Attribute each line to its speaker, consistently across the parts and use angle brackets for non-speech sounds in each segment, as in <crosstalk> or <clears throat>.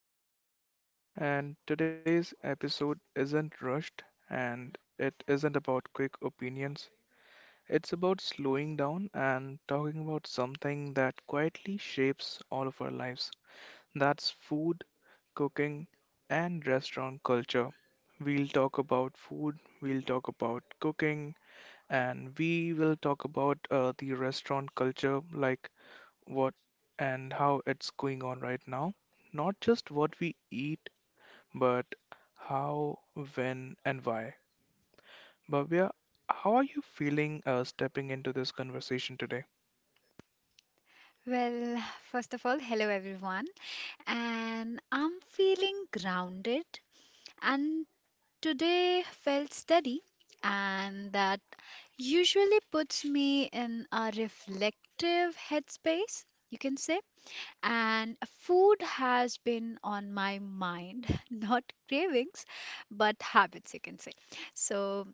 Speaker 1: everyone. And today's episode isn't rushed and it isn't about quick opinions. It's about slowing down and talking about something that quietly shapes all of our lives. That's food, cooking, and restaurant culture. We'll talk about food, we'll talk about cooking, and we will talk about the restaurant culture, like what and how it's going on right now. Not just what we eat, but how, when, and why. Bhavya, how are you feeling stepping into this conversation today?
Speaker 2: Well, first of all, hello everyone. And I'm feeling grounded. And today felt steady. And that usually puts me in a reflective headspace, you can say. And food has been on my mind, <laughs> not cravings, but habits, you can say. So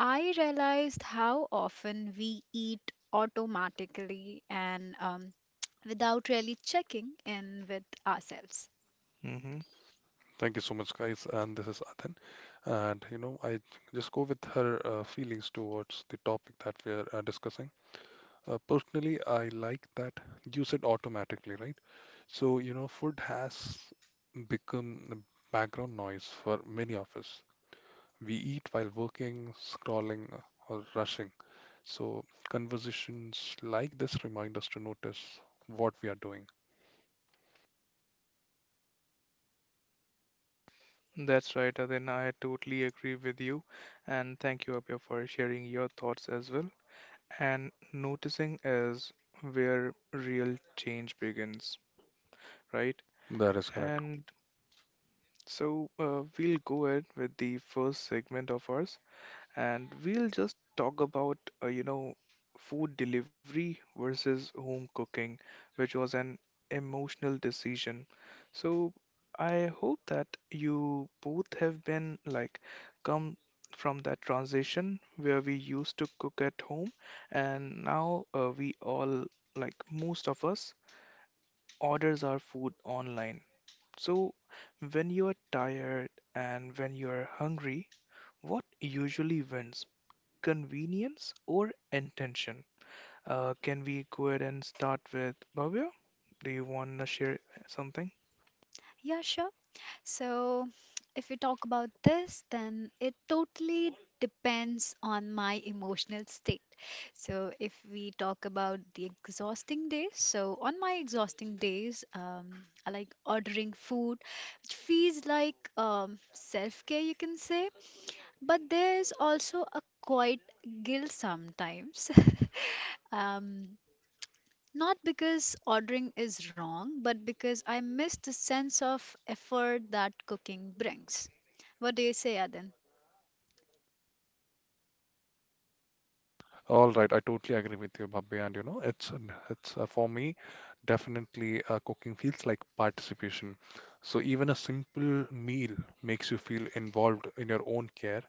Speaker 2: I realized how often we eat automatically and without really checking in with ourselves.
Speaker 1: hmm
Speaker 3: Thank you so much, guys. And this is Adan. I just go with her feelings towards the topic that we are discussing. Personally, I like that you said automatically, right? Food has become the background noise for many of us. We eat while working, scrolling, or rushing. So, conversations like this remind us to notice what we are doing.
Speaker 1: That's right, Adina. I totally agree with you. And thank you, Abhya, for sharing your thoughts as well. And noticing is where real change begins, right?
Speaker 3: That is correct.
Speaker 1: And so we'll go ahead with the first segment of ours and we'll just talk about, food delivery versus home cooking, which was an emotional decision. So I hope that you both have been, like, come from that transition where we used to cook at home, and now we all, like most of us, orders our food online. So when you are tired and when you are hungry, what usually wins? Convenience or intention. Can we go ahead and start with Bhavya? Do you want to share something?
Speaker 2: Yeah, sure. So, if we talk about this, then it totally depends on my emotional state. So, if we talk about the exhausting days, so on my exhausting days, I like ordering food, which feels like self care, you can say. But there's also a quiet guilt sometimes. <laughs> um, Not because ordering is wrong, but because I miss the sense of effort that cooking brings. What do you say, Adan?
Speaker 3: All right, I totally agree with you, Babby. And you know, it's For me, definitely cooking feels like participation. So even a simple meal makes you feel involved in your own care.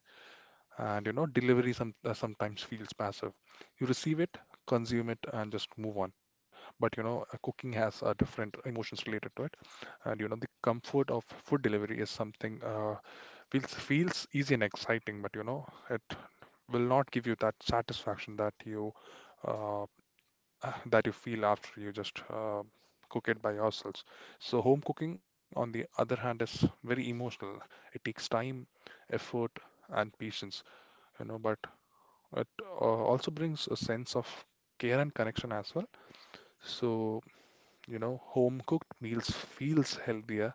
Speaker 3: Delivery sometimes feels passive. You receive it, consume it, and just move on. But cooking has different emotions related to it. The comfort of food delivery is something. Feels easy and exciting, but it will not give you that satisfaction that you uh, <clears throat> that you feel after you just cook it by yourselves. So home cooking, on the other hand, is very emotional. It takes time, effort, and patience, but it uh, also brings a sense of care and connection as well. So, home cooked meals feels healthier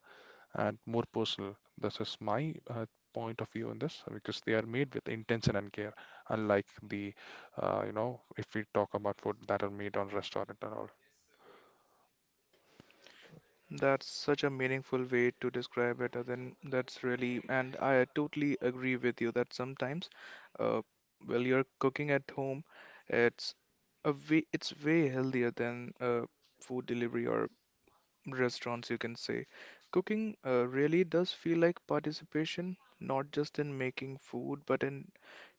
Speaker 3: and more personal. This is my point of view on this because they are made with intention and care, unlike the, if we talk about food that are made on restaurant and all.
Speaker 1: That's such a meaningful way to describe it. Then that's really, and I totally agree with you that sometimes, uh, while you're cooking at home, it's a way, it's way healthier than food delivery or restaurants, you can say. Cooking really does feel like participation, not just in making food, but in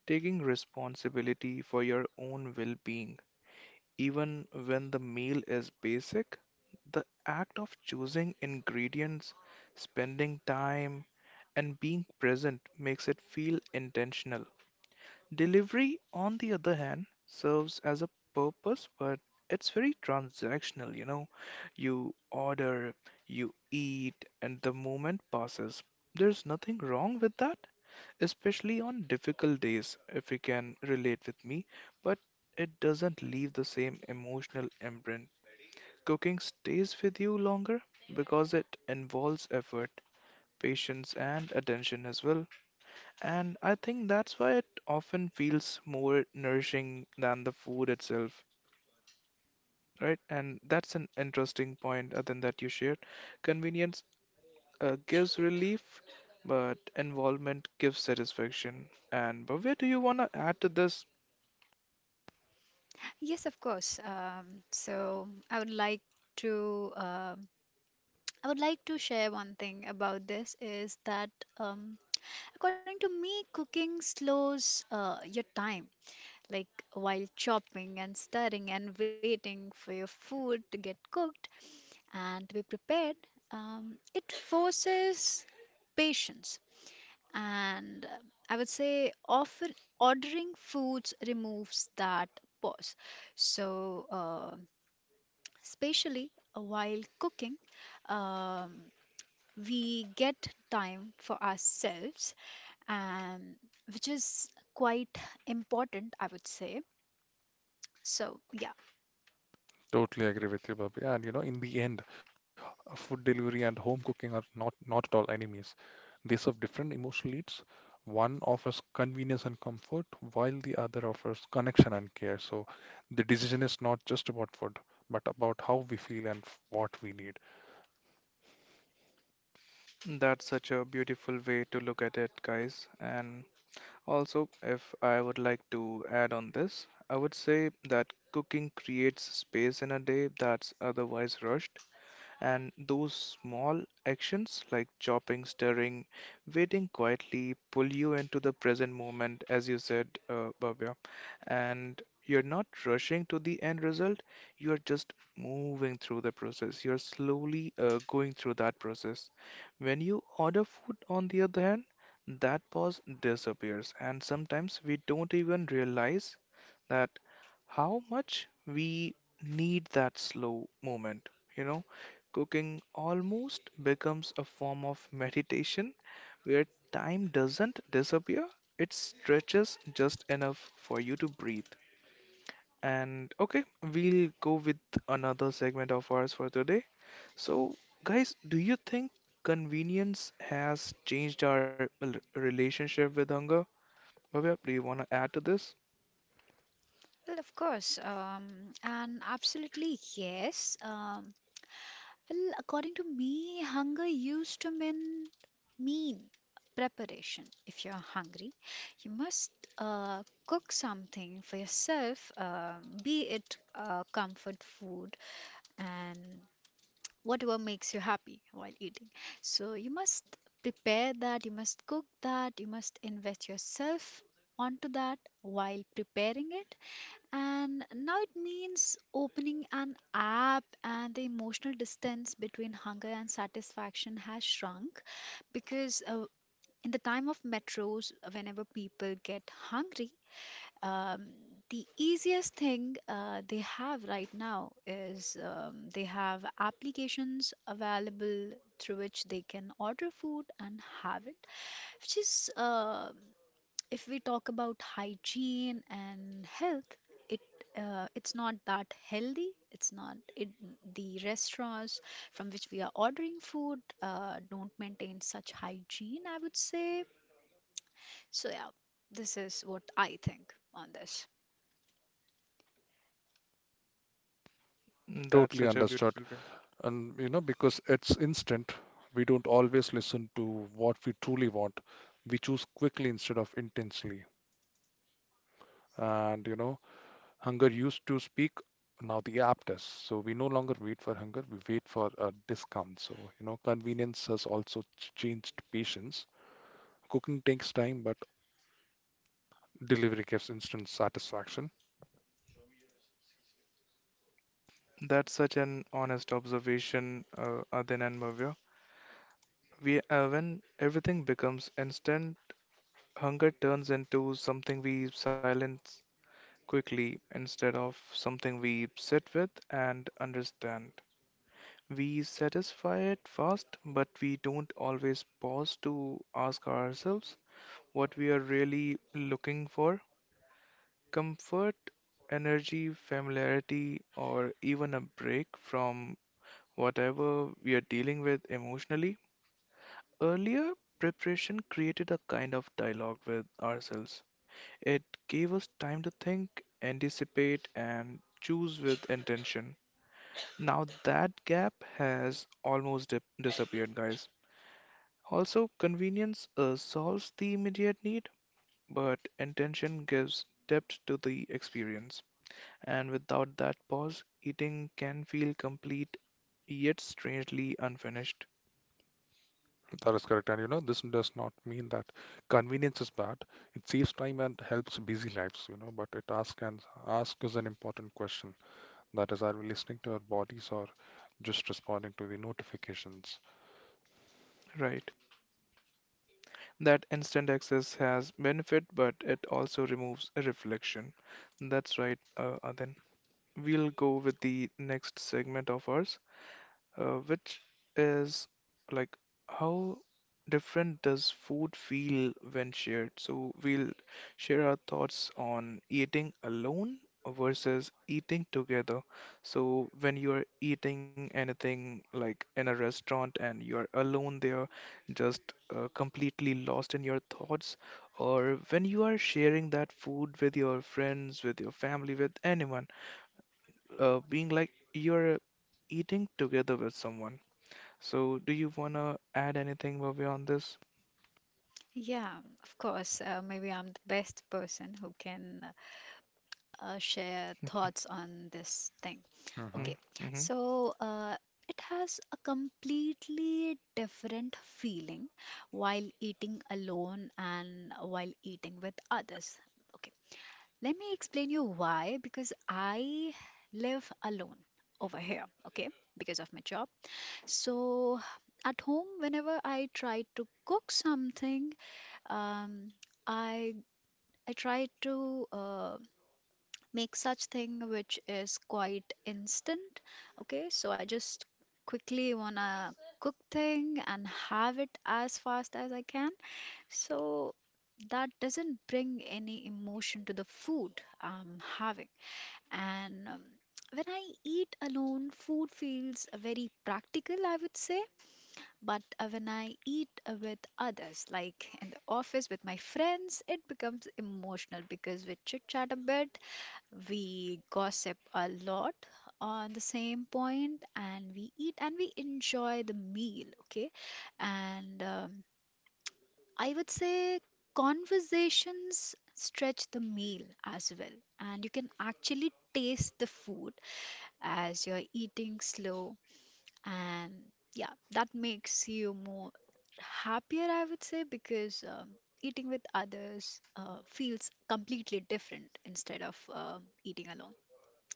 Speaker 1: taking responsibility for your own well being, even when the meal is basic, the act of choosing ingredients, spending time, and being present makes it feel intentional. Delivery, on the other hand, serves as a purpose, but it's very transactional, you know. You order, you eat, and the moment passes. There's nothing wrong with that, especially on difficult days, if you can relate with me, but it doesn't leave the same emotional imprint. Cooking stays with you longer because it involves effort, patience, and attention as well. And I think that's why it often feels more nourishing than the food itself, right? And that's an interesting point, Adan, that you shared. Convenience gives relief, but involvement gives satisfaction. And Bhavya, do you want to add to this?
Speaker 2: Yes, of course. So I would like to share one thing about this is that um, according to me, cooking slows your time. Like while chopping and stirring and waiting for your food to get cooked and to be prepared, it forces patience and I would say offer ordering foods removes that pause, so especially while cooking um, we get time for ourselves, and which is quite important, I would say. So yeah,
Speaker 3: Totally agree with you, Bobby. In the end, food delivery and home cooking are not at all enemies. They serve different emotional needs. One offers convenience and comfort, while the other offers connection and care. So the decision is not just about food, but about how we feel and what we need.
Speaker 1: That's such a beautiful way to look at it, guys. And also, if I would like to add on this, I would say that cooking creates space in a day that's otherwise rushed. And those small actions, like chopping, stirring, waiting, quietly pull you into the present moment, as you said, Bhavya. And you're not rushing to the end result, you're just moving through the process. You're slowly going through that process. When you order food, on the other hand, that pause disappears, and sometimes we don't even realize that how much we need that slow moment. You know, cooking almost becomes a form of meditation where time doesn't disappear, it stretches just enough for you to breathe. And okay, we'll go with another segment of ours for today. So, guys, do you think convenience has changed our relationship with hunger? Bhavya, do you want to add to this?
Speaker 2: well, of course. And absolutely yes. Well, according to me, hunger used to mean preparation. If you're hungry, you must cook something for yourself, be it comfort food and whatever makes you happy while eating. So you must prepare that, you must cook that, you must invest yourself onto that while preparing it, and now it means opening an app, and the emotional distance between hunger and satisfaction has shrunk because in the time of metros, whenever people get hungry, um, the easiest thing they have right now is they have applications available through which they can order food and have it, which is, if we talk about hygiene and health, it it's not that healthy. It's not it the restaurants from which we are ordering food don't maintain such hygiene, I would say. So yeah, this is what I think on this.
Speaker 1: That's
Speaker 3: Totally
Speaker 1: such a
Speaker 3: understood.
Speaker 1: beautiful way.
Speaker 3: Because it's instant, we don't always listen to what we truly want. We choose quickly instead of intensely. And you know, hunger used to speak, now the app does. So we no longer wait for hunger, we wait for a discount. Convenience has also changed patience. Cooking takes time, but delivery gives instant satisfaction.
Speaker 1: That's such an honest observation, Adin and Mavya. When everything becomes instant, hunger turns into something we silence quickly instead of something we sit with and understand. We satisfy it fast, but we don't always pause to ask ourselves what we are really looking for. Comfort, energy, familiarity, or even a break from whatever we are dealing with emotionally. Earlier, preparation created a kind of dialogue with ourselves. It gave us time to think, anticipate, and choose with intention. Now, that gap has almost disappeared, guys. Also, convenience solves the immediate need, but intention gives depth to the experience. And without that pause, eating can feel complete yet strangely unfinished.
Speaker 3: That is correct. This does not mean that convenience is bad. It saves time and helps busy lives, but it asks and asks us an important question. That is, are we listening to our bodies or just responding to the notifications?
Speaker 1: Right. That instant access has benefit, but it also removes a reflection. That's right, Adin. We'll go with the next segment of ours, which is like how different does food feel when shared? So we'll share our thoughts on eating alone versus eating together. So when you're eating anything, like in a restaurant and you're alone there, just completely lost in your thoughts, or when you are sharing that food with your friends, with your family, with anyone, being like you're eating together with someone. So, do you wanna add anything, Bhavya, on this?
Speaker 2: Yeah, of course. Maybe I'm the best person who can share thoughts on this thing.
Speaker 3: Hmm.
Speaker 2: Okay,
Speaker 1: Mm-hmm, mm-hmm.
Speaker 2: so it has a completely different feeling while eating alone and while eating with others. Okay, let me explain you why, because I live alone over here, okay, because of my job. So at home, whenever I try to cook something, um, I I try to make such thing which is quite instant, okay, so I just quickly wanna cook thing and have it as fast as I can, so that doesn't bring any emotion to the food I'm having, and when I eat alone, food feels very practical, I would say, but when I eat with others, like in the office with my friends, it becomes emotional because we chit chat a bit, we gossip a lot on the same point, and we eat and we enjoy the meal, okay? And I would say conversations stretch the meal as well. And you can actually taste the food as you're eating slow. And yeah, that makes you more happier, I would say, because eating with others feels completely different instead of eating alone.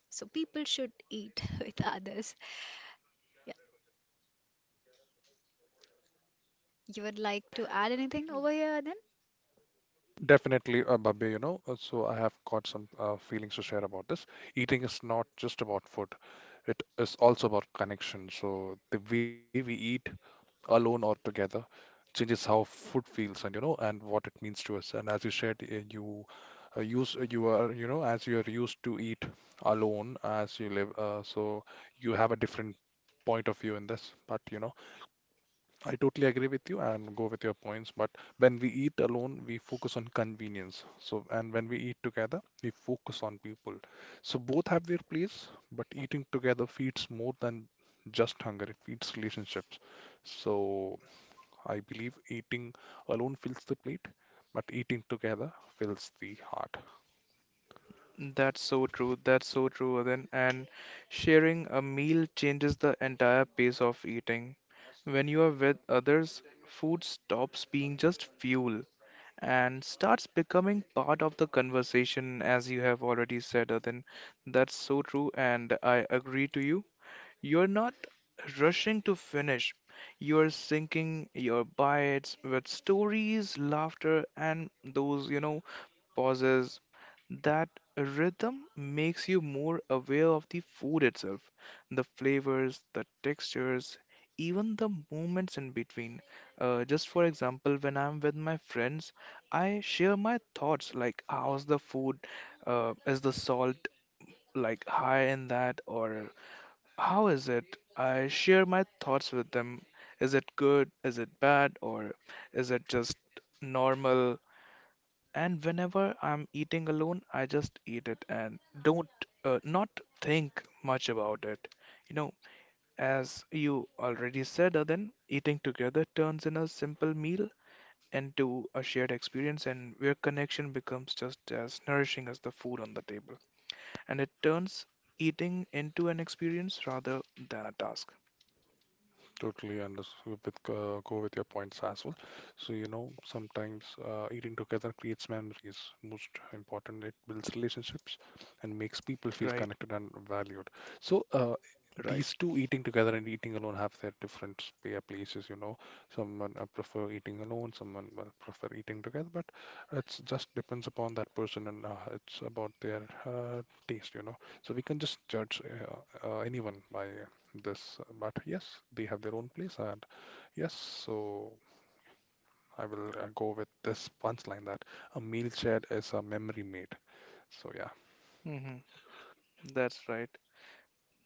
Speaker 2: So people should eat <laughs> with others. Yeah. You would like to add anything over here then?
Speaker 3: Definitely, Babya, so I have got some feelings to share about this. Eating is not just about food, it is also about connection. So the way we eat alone or together changes how food feels, and you know and what it means to us. And as you said, you use you are, as you are used to eat alone as you live, so you have a different point of view in this, but I totally agree with you and go with your points. But when we eat alone we focus on convenience, so and when we eat together we focus on people. So both have their place, but eating together feeds more than just hunger, it feeds relationships. So I believe eating alone fills the plate, but eating together fills the heart.
Speaker 1: That's so true. That's so true, Then. And sharing a meal changes the entire pace of eating. When you are with others, food stops being just fuel and starts becoming part of the conversation, as you have already said, Then. That's so true, and I agree to you. You're not rushing to finish. You're sinking your bites with stories, laughter, and those, you know, pauses. That rhythm makes you more aware of the food itself, the flavors, the textures, even the moments in between. Just for example, when I'm with my friends, I share my thoughts, like how's the food, is the salt, like, high in that, or how is it? I share my thoughts with them. Is it good? Is it bad? Or is it just normal? And whenever I'm eating alone, I just eat it and don't not think much about it. You know, as you already said, Then, eating together turns in a simple meal into a shared experience, and where connection becomes just as nourishing as the food on the table. And it turns eating into an experience rather than a task,
Speaker 3: Totally understand, with go with your points as well. So sometimes eating together creates memories. Most important, it builds relationships and makes people feel
Speaker 1: right?
Speaker 3: connected and valued. So
Speaker 1: Right.
Speaker 3: these two, eating together and eating alone, have their different places. You know, someone prefer eating alone, someone will prefer eating together. But it's just depends upon that person and it's about their taste. So we can just judge anyone by this, but yes, they have their own place, and yes, so I will go with this punchline that a meal shared is a memory made. So yeah,
Speaker 1: hmm That's right.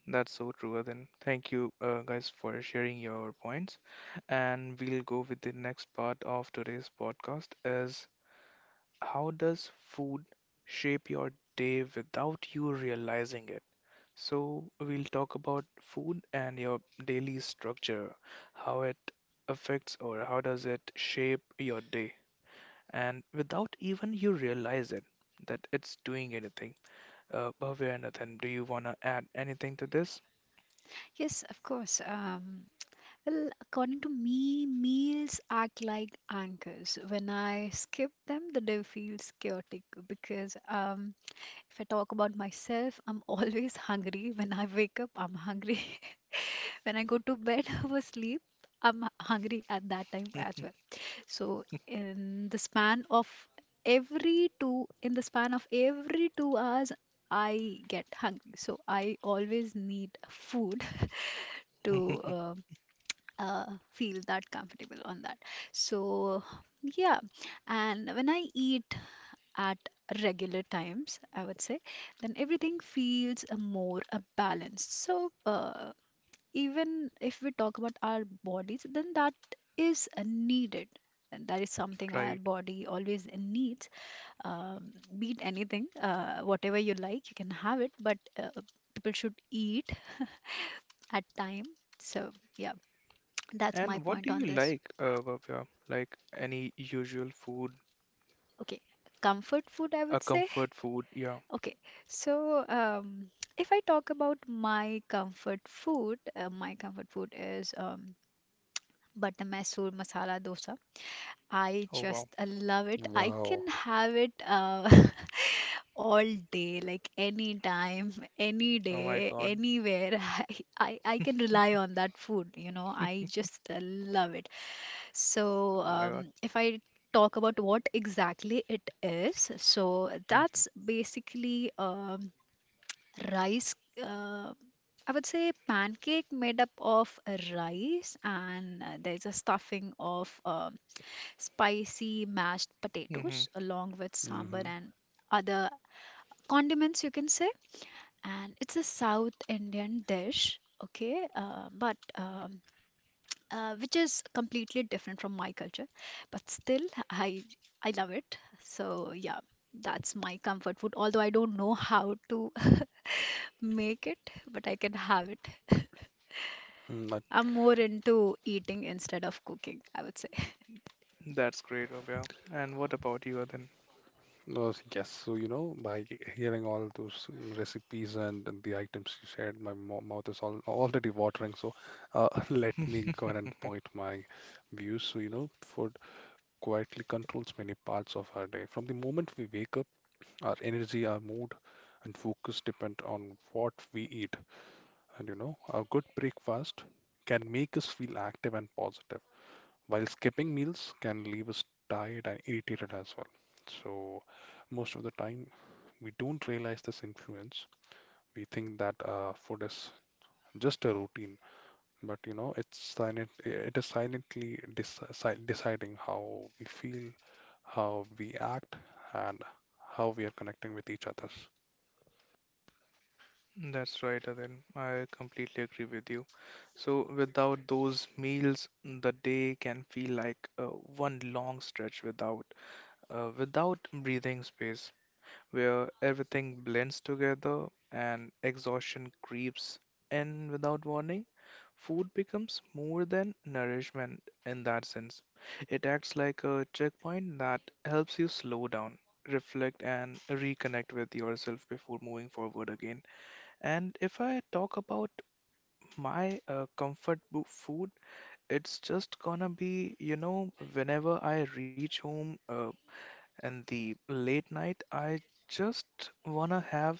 Speaker 1: That's so true, Then. Thank you, guys, for sharing your points. And we'll go with the next part of today's podcast, is how does food shape your day without you realizing it? So we'll talk about food and your daily structure, how it affects or how does it shape your day, and without even you realize it that it's doing anything. Bhavya and Nathan, do you want to add anything to this?
Speaker 2: Yes, of course. Well, according to me, meals act like anchors. When I skip them, the day feels chaotic because if I talk about myself, I'm <laughs> always hungry. When I wake up, I'm hungry. <laughs> When I go to bed <laughs> or sleep, I'm hungry at that time as well. So in the span of every 2 hours, I get hungry. So I always need food <laughs> to
Speaker 1: <laughs>
Speaker 2: uh, feel that comfortable on that. So yeah, and when I eat at regular times, I would say, then everything feels more balanced. So even if we talk about our bodies, then that is needed, and that is something our
Speaker 1: Right.
Speaker 2: body always needs. Um, be it anything, whatever you like you can have it, but people should eat at time. So yeah, that's my
Speaker 1: And what
Speaker 2: point
Speaker 1: do
Speaker 2: on
Speaker 1: you
Speaker 2: this.
Speaker 1: like, Bhavya? Like any usual food,
Speaker 2: Okay, comfort food, I
Speaker 1: a
Speaker 2: would say.
Speaker 1: comfort food? Yeah.
Speaker 2: Okay, so if I talk about my comfort food, my comfort food is butter masoor masala dosa. I
Speaker 1: Oh,
Speaker 2: just
Speaker 1: wow.
Speaker 2: love it. I can
Speaker 3: wow.
Speaker 2: have it <laughs> all day, like anytime, any
Speaker 1: Oh, my
Speaker 2: day,
Speaker 1: God.
Speaker 2: anywhere. <laughs> I can rely on that food. I
Speaker 1: <laughs>
Speaker 2: just love it. So,
Speaker 1: Oh, my God.
Speaker 2: if I talk about what exactly it is, so
Speaker 1: <laughs>
Speaker 2: that's basically rice, uh, I would say pancake made up of rice, and there's a stuffing of spicy mashed potatoes
Speaker 1: Mm-hmm.
Speaker 2: along with sambar
Speaker 3: Mm-hmm.
Speaker 2: and other condiments, you can say, and it's a South Indian dish, okay, but which is completely different from my culture, but still i I love it, so yeah, that's my comfort food, although I don't know how to <laughs> make it, but I can have it. <laughs>
Speaker 3: Hmm. That
Speaker 2: I'm more into eating instead of cooking, I would say. <laughs>
Speaker 1: That's great, Bhavya. And what about you, Adin?
Speaker 3: was, yes, so you know, by hearing all those recipes and the items you shared, my mo mouth is all already watering. So, <laughs> let me go ahead
Speaker 1: <laughs>
Speaker 3: and point my views. Food quietly controls many parts of our day. From the moment we wake up, our energy, our mood, and focus depend on what we eat. A good breakfast can make us feel active and positive, while skipping meals can leave us tired and irritated as well. So, most of the time, we don't realize this influence. We think that food is just a routine, but it's silent. It is silently deciding how we feel, how we act, and how we are connecting with each other.
Speaker 1: That's right, Adin. I completely agree with you. So, without those meals, the day can feel like one long stretch without without breathing space, where everything blends together and exhaustion creeps in without warning. Food becomes more than nourishment in that sense. It acts like a checkpoint that helps you slow down, reflect, and reconnect with yourself before moving forward again. And if I talk about my comfort food, it's just gonna be, you know, whenever I reach home in the late night, I just wanna have,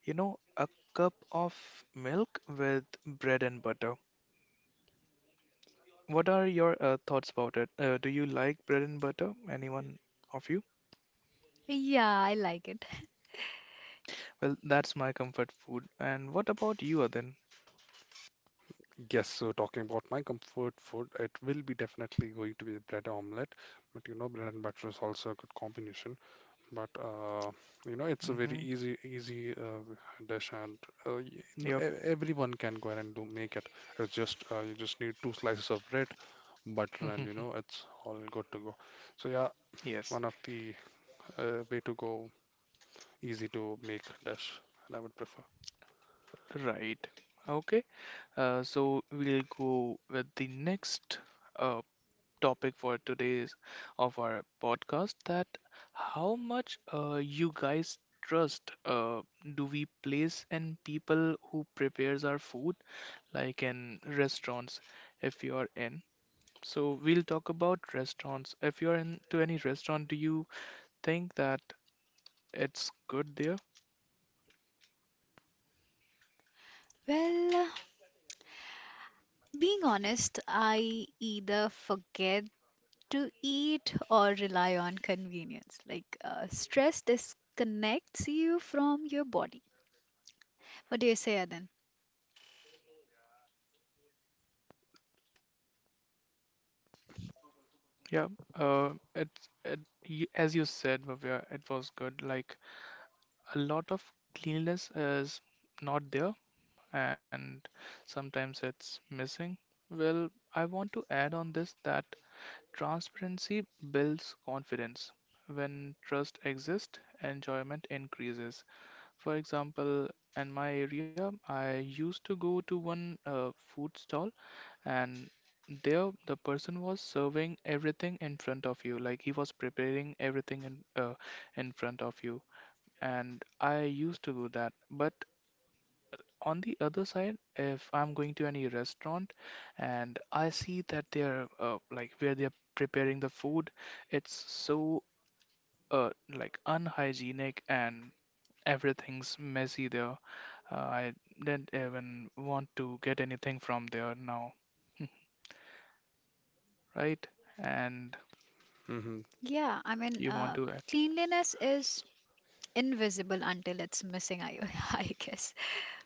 Speaker 1: you know, a cup of milk with bread and butter. What are your thoughts about it? Do you like bread and butter? Anyone of you?
Speaker 2: Yeah, I like it.
Speaker 1: Well, that's my comfort food. And what about you, Adin?
Speaker 3: Yes, so talking about my comfort food, it will be definitely going to be bread omelette. But bread and butter is also a good combination. But it's a very
Speaker 1: Mm-hmm.
Speaker 3: easy dish, and
Speaker 1: Yep.
Speaker 3: everyone can go ahead and do make it. It's just you just need two slices of bread, butter, and
Speaker 1: <laughs>
Speaker 3: it's all good to go. So yeah,
Speaker 1: Yes.
Speaker 3: one of the way to go, easy to make dish, and I would prefer.
Speaker 1: Right. Okay. So we'll go with the next uh, topic for today's of our podcast, that how much you guys trust do we place in people who prepares our food, like in restaurants if you are in. So we'll talk about restaurants. If you're in to any restaurant, do you think that it's good there?
Speaker 2: Well, being honest, I either forget to eat or rely on convenience. Like, stress disconnects you from your body. What do you say, Adan?
Speaker 3: Mhm.
Speaker 2: Yeah, I mean, cleanliness is invisible until it's missing, I, <laughs> I guess.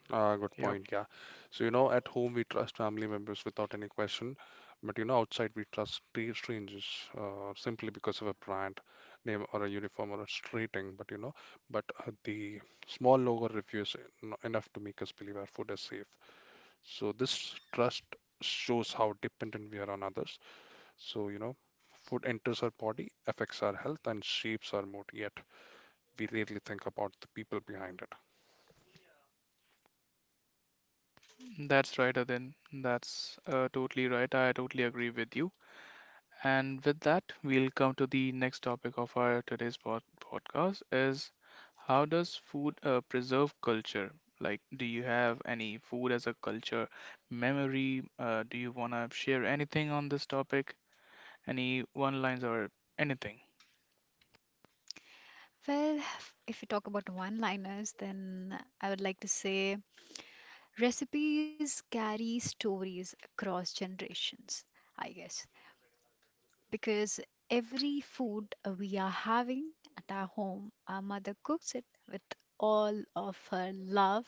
Speaker 3: Good point. Yeah. So, at home we trust family members without any question, but, outside we trust strangers simply because of a brand name or a uniform or a rating. But you know, but the small logo review is enough to make us believe our food is safe. So this trust shows how dependent we are on others. So, you know, food enters our body, affects our health, and shapes our mood. Yet we rarely think about the people behind it.
Speaker 2: Well, if we talk about one-liners, then I would like to say recipes carry stories across generations, I guess, because every food we are having at our home, our mother cooks it with all of her love,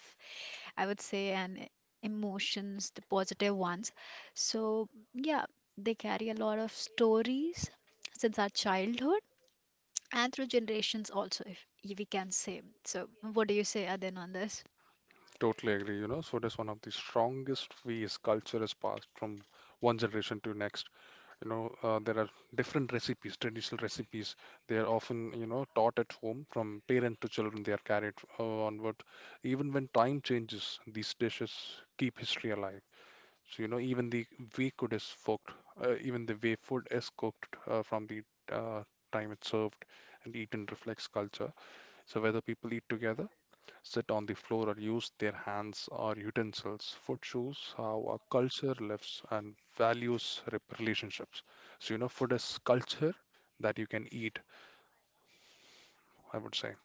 Speaker 2: I would say, and emotions, the positive ones. So, yeah, they carry a lot of stories since our childhood and through generations also, if we can say. So, what do you say, Adin, on this?
Speaker 3: Totally agree, so that's one of the strongest ways culture is passed from one generation to next. There are different recipes, traditional recipes. They are often, taught at home from parent to children. They are carried onward. Even when time changes, these dishes keep history alive. So, even the way food is cooked, from the uh, time it's served and eaten reflects culture. So whether people eat together, sit on the floor or use their hands or utensils. Food shows how our culture lives and values relationships. So, food is culture that you can eat, I would say.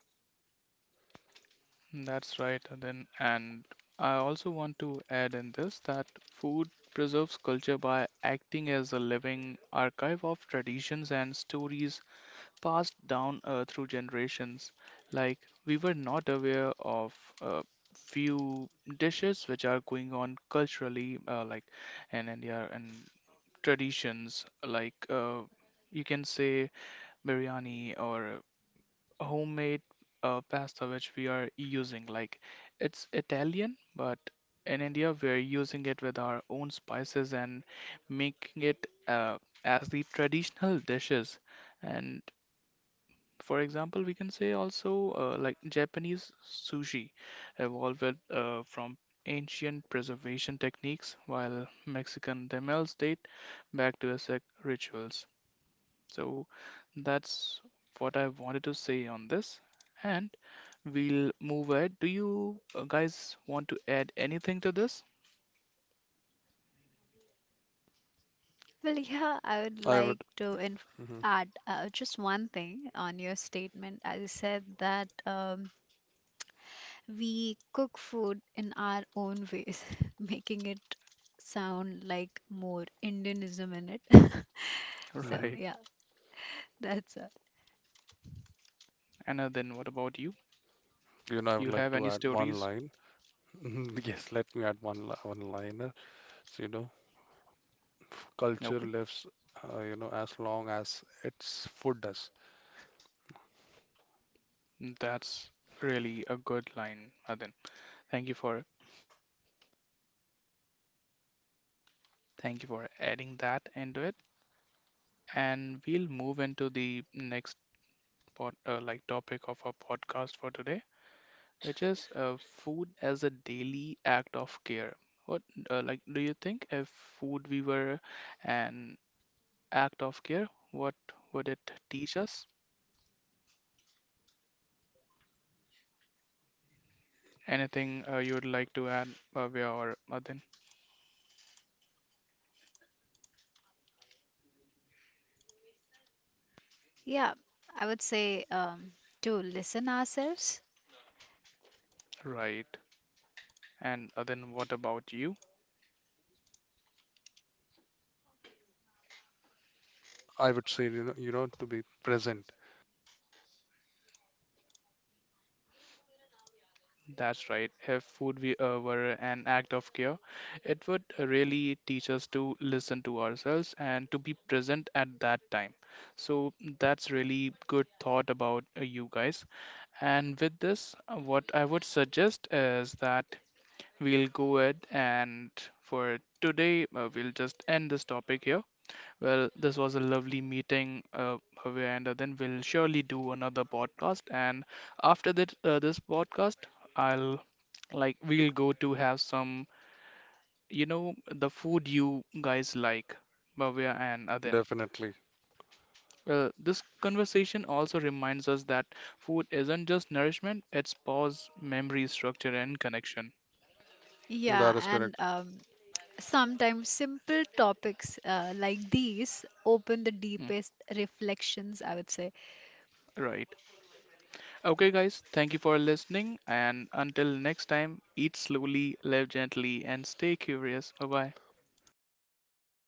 Speaker 2: Well, yeah, I would
Speaker 3: I
Speaker 2: like
Speaker 3: would.
Speaker 2: to inf
Speaker 3: Hmm.
Speaker 2: add just one thing on your statement. I said that we cook food in our own ways, <laughs> making it sound like more Indianism in it. <laughs> So
Speaker 3: Hmm.
Speaker 2: yeah, that's it.
Speaker 3: I would like to add one line. Mhm. <laughs> Yes, let me add one liner. So, culture lives, as long as its food does.
Speaker 2: Yeah, I would say to listen ourselves.
Speaker 3: I would say, to be present, definitely.
Speaker 2: Yeah,
Speaker 3: That is
Speaker 2: and
Speaker 3: correct.
Speaker 2: sometimes simple topics like these open the deepest reflections, I would say.
Speaker 3: Thank you
Speaker 2: Bye.
Speaker 3: so much, man.